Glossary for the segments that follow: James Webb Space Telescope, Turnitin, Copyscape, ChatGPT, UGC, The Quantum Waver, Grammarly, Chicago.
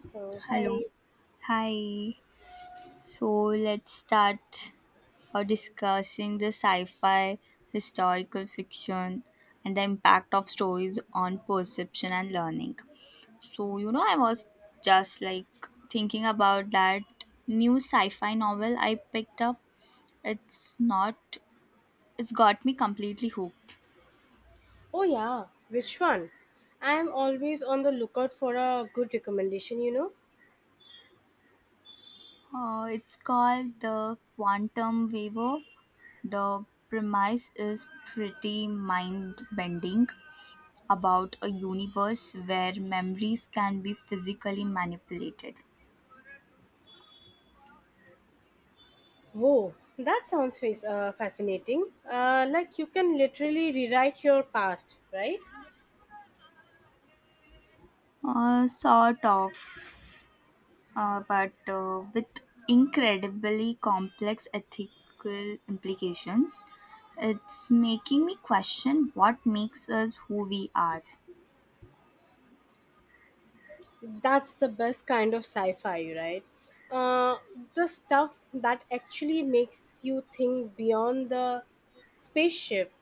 So, Hello. hi. Hi. So let's start discussing the sci fi, historical fiction, and the impact of stories on perception and learning. So, you know, I was just like thinking about that new sci fi novel I picked up. It's not, it's got me completely hooked. Oh, yeah, which one? I am always on the lookout for a good recommendation, you know. It's called The Quantum Waver. The premise is pretty mind bending about a universe where memories can be physically manipulated. Whoa, that sounds fascinating. Like you can literally rewrite your past, right? Sort of, but with incredibly complex ethical implications. It's making me question what makes us who we are. That's the best kind of sci-fi, right? uh, the stuff that actually makes you think beyond the spaceship.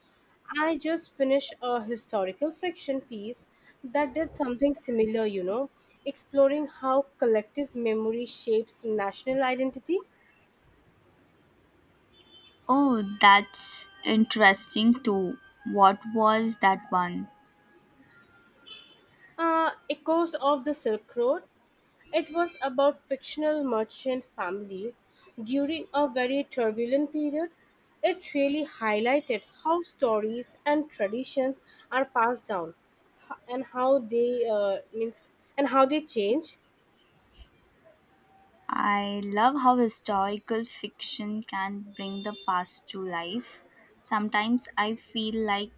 I just finished a historical fiction piece that did something similar, you know, exploring how collective memory shapes national identity. Oh, that's interesting too. What was that one? Echoes of the Silk Road. It was about fictional merchant family during a very turbulent period. It really highlighted how stories and traditions are passed down h- and how they uh, means and how they change. I love how historical fiction can bring the past to life. Sometimes I feel like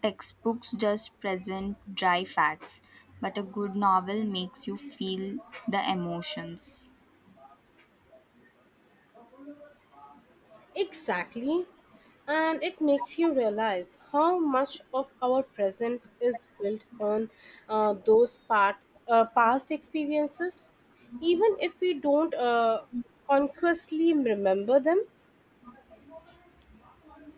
textbooks just present dry facts, but a good novel makes you feel the emotions. Exactly, and it makes you realize how much of our present is built on uh, those part, past experiences, even if we don't consciously remember them.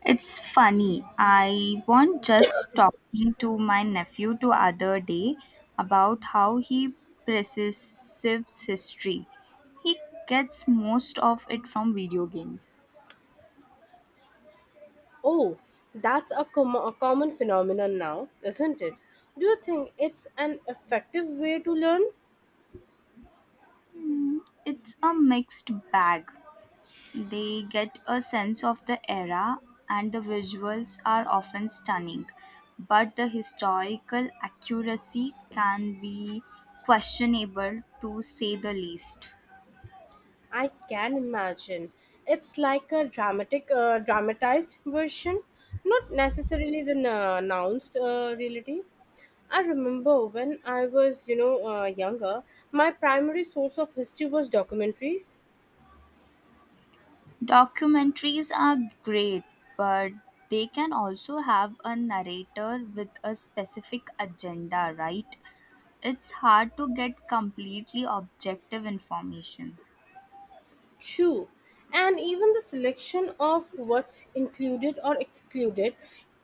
It's funny. I was just talking to my nephew the other day about how he perceives history. He gets most of it from video games. Oh, that's a common phenomenon now, isn't it? Do you think it's an effective way to learn? It's a mixed bag. They get a sense of the era, and the visuals are often stunning, but the historical accuracy can be questionable to say the least. I can imagine. It's like a dramatized version, not necessarily the n- announced reality. I remember when I was, you know, younger, my primary source of history was documentaries. Documentaries are great, but they can also have a narrator with a specific agenda, right? It's hard to get completely objective information. True. And even the selection of what's included or excluded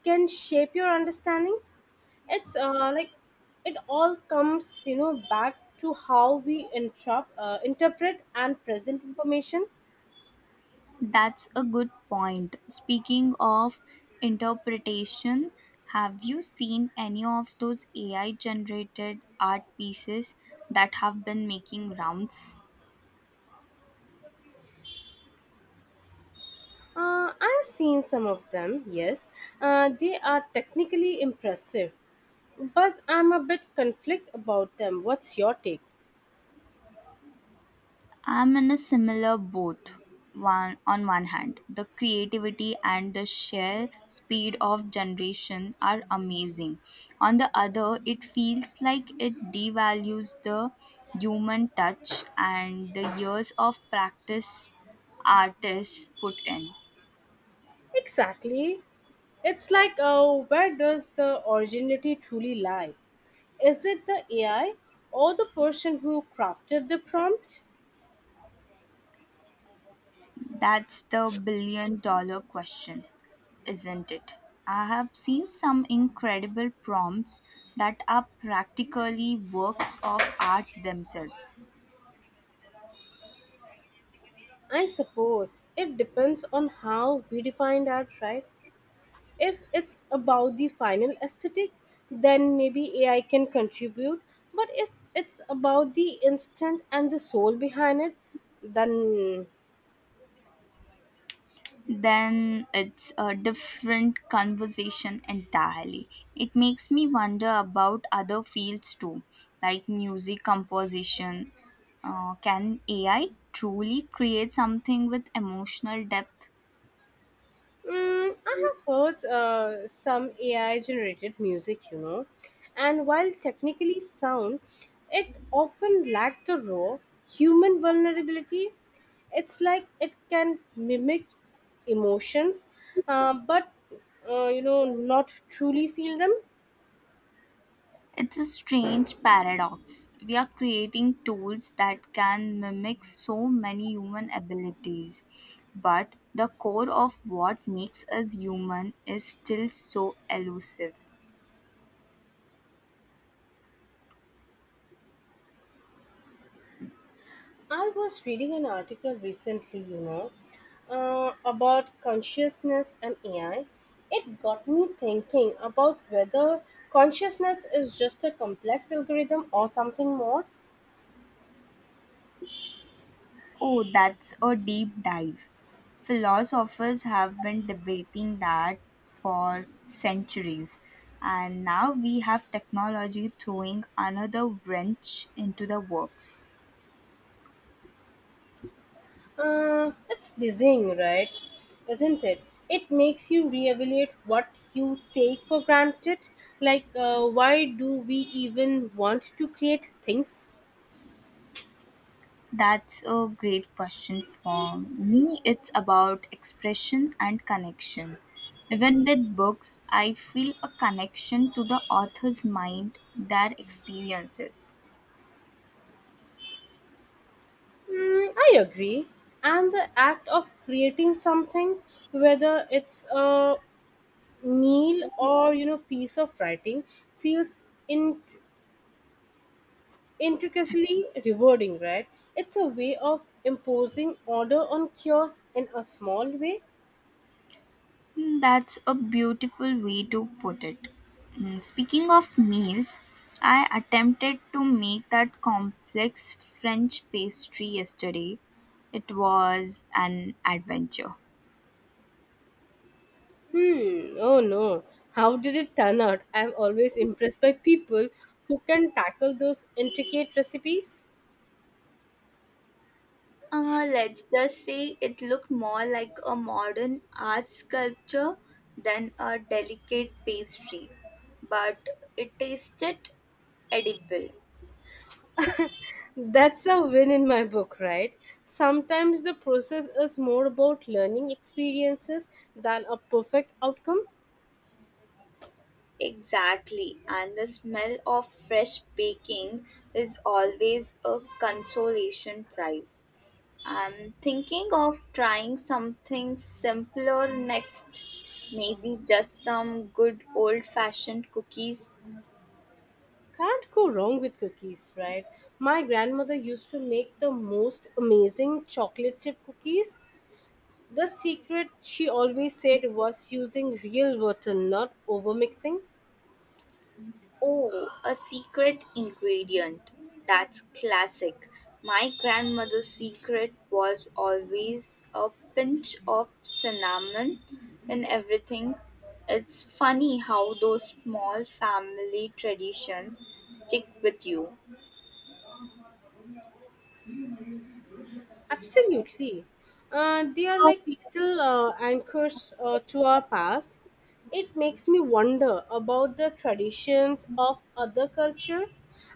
can shape your understanding. It's like it all comes, you know, back to how we interpret and present information. That's a good point. Speaking of interpretation, have you seen any of those AI generated art pieces that have been making rounds? I've seen some of them, yes. They are technically impressive, but I'm a bit conflict about them. What's your take? I'm in a similar boat. One on one hand, the creativity and the sheer speed of generation are amazing. On the other, it feels like it devalues the human touch and the years of practice artists put in. Exactly. It's like, where does the originality truly lie? Is it the AI or the person who crafted the prompt? That's the billion dollar question, isn't it? I have seen some incredible prompts that are practically works of art themselves. I suppose it depends on how we define art, right? If it's about the final aesthetic, then maybe AI can contribute. But if it's about the instant and the soul behind it, then Then it's a different conversation entirely. It makes me wonder about other fields too, like music composition. Can AI truly create something with emotional depth? I have heard some AI generated music, you know, and while technically sound, it often lacks the raw human vulnerability. It's like it can mimic emotions, but you know, not truly feel them. It's a strange paradox. We are creating tools that can mimic so many human abilities, but the core of what makes us human is still so elusive. I was reading an article recently, you know, about consciousness and AI. It got me thinking about whether consciousness is just a complex algorithm or something more. Oh, that's a deep dive. Philosophers have been debating that for centuries, and now we have technology throwing another wrench into the works. It's dizzying, right? Isn't it? It makes you reevaluate what you take for granted. Like, why do we even want to create things? That's a great question for me. It's about expression and connection. Even with books, I feel a connection to the author's mind, their experiences. I agree. And the act of creating something, whether it's a meal or, you know, piece of writing, feels in- intricately rewarding, right? It's a way of imposing order on chaos in a small way. Mm, that's a beautiful way to put it. Mm, speaking of meals, I attempted to make that complex French pastry yesterday. It was an adventure. Hmm. Oh no. How did it turn out? I'm always impressed by people who can tackle those intricate recipes. Let's just say it looked more like a modern art sculpture than a delicate pastry, but it tasted edible. That's a win in my book, right? Sometimes the process is more about learning experiences than a perfect outcome. Exactly, and the smell of fresh baking is always a consolation prize. I'm thinking of trying something simpler next, maybe just some good old fashioned cookies. Can't go wrong with cookies, right? My grandmother used to make the most amazing chocolate chip cookies. The secret, she always said, was using real butter, not overmixing. Oh, a secret ingredient. That's classic. My grandmother's secret was always a pinch of cinnamon in everything. It's funny how those small family traditions stick with you. Absolutely. They are like little anchors to our past. It makes me wonder about the traditions of other culture.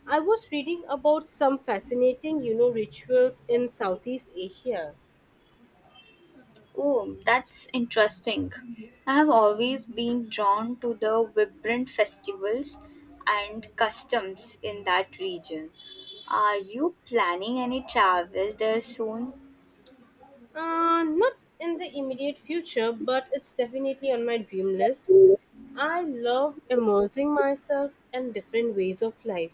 I was reading about some fascinating, you know, rituals in Southeast Asia. Oh, that's interesting. I have always been drawn to the vibrant festivals and customs in that region. Are you planning any travel there soon? Not in the immediate future, but it's definitely on my dream list. I love immersing myself in different ways of life.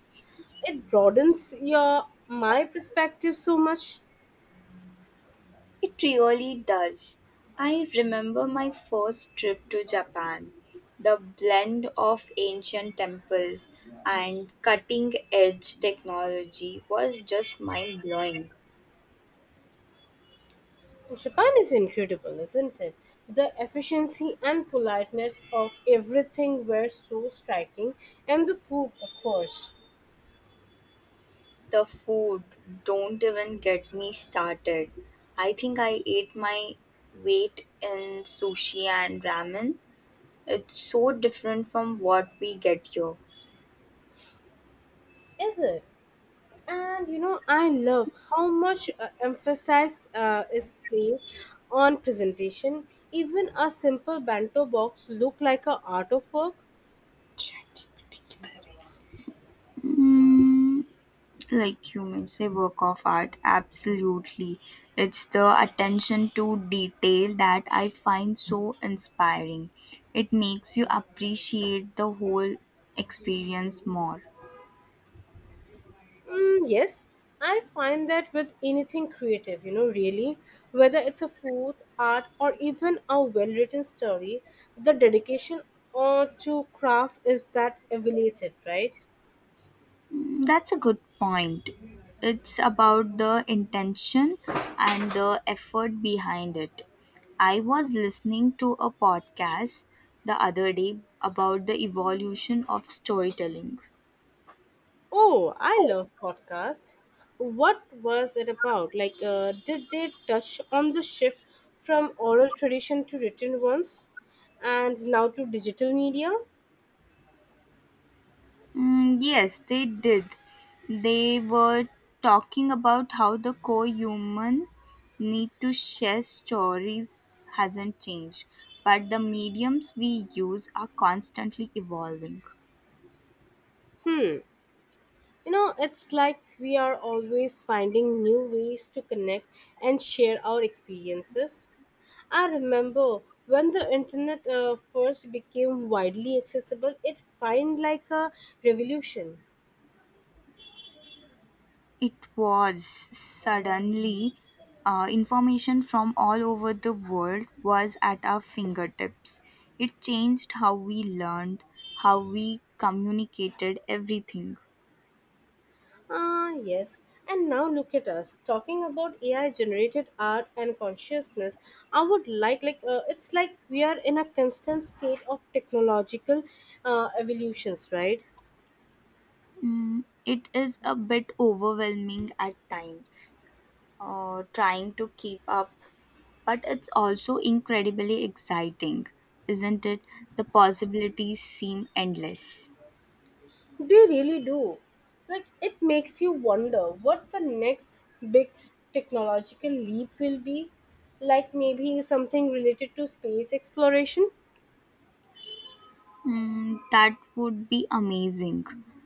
It broadens your my perspective so much. It really does. I remember my first trip to Japan. The blend of ancient temples and cutting edge technology was just mind blowing. Japan is incredible, isn't it? The efficiency and politeness of everything were so striking, and the food, of course, The food, don't even get me started. I think I ate my weight in sushi and ramen. It's so different from what we get here. is it? And you know, I love how much emphasis is placed on presentation. Even a simple bento box look like a art of work. Mm, like you may say, work of art, absolutely. It's the attention to detail that I find so inspiring. It makes you appreciate the whole experience more. Yes, I find that with anything creative, you know, really, whether it's a food, art, or even a well written story, the dedication or to craft is that elevated, right? Mm, that's a good point. It's about the intention and the effort behind it. I was listening to a podcast the other day about the evolution of storytelling. Oh, I love podcasts. What was it about? Like, did they touch on the shift from oral tradition to written ones and now to digital media? Mm, yes, they did. They were talking about how the core human need to share stories hasn't changed, but the mediums we use are constantly evolving. You know, it's like we are always finding new ways to connect and share our experiences. I remember when the internet first became widely accessible, it felt like a revolution. It was suddenly information from all over the world was at our fingertips. It changed how we learned, how we communicated everything. Ah, yes. And now look at us talking about AI generated art and consciousness. I would it's like we are in a constant state of technological evolutions, right? Mm, it is a bit overwhelming at times, trying to keep up, but it's also incredibly exciting, isn't it? The possibilities seem endless. They really do. Like it makes you wonder what the next big technological leap will be. Like maybe something related to space exploration. Mm, that would be amazing.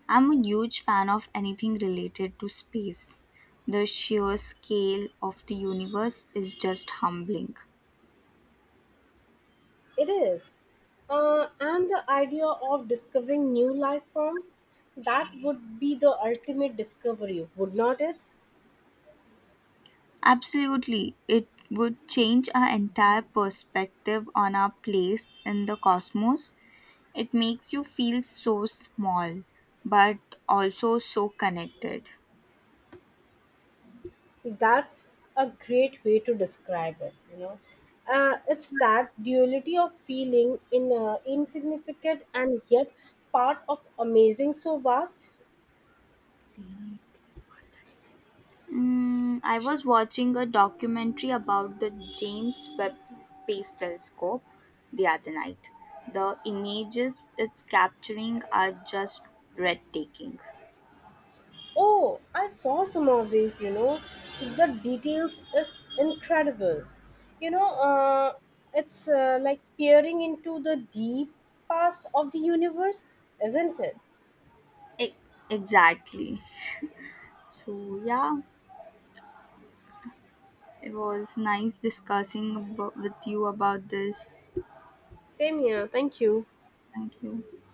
I'm a huge fan of anything related to space. The sheer scale of the universe is just humbling. It is. And the idea of discovering new life forms, that would be the ultimate discovery, would not it? Absolutely, it would change our entire perspective on our place in the cosmos. It makes you feel so small, but also so connected. That's a great way to describe it, you know. It's that duality of feeling in insignificant and yet part of amazing so vast. Mm, I was watching a documentary about the James Webb Space Telescope the other night. The images it's capturing are just breathtaking. Oh, I saw some of these, you know. The details is incredible. You know, it's like peering into the deep past of the universe, isn't it? E- exactly. So, yeah, it was nice discussing with you about this. Same here. Thank you. Thank you.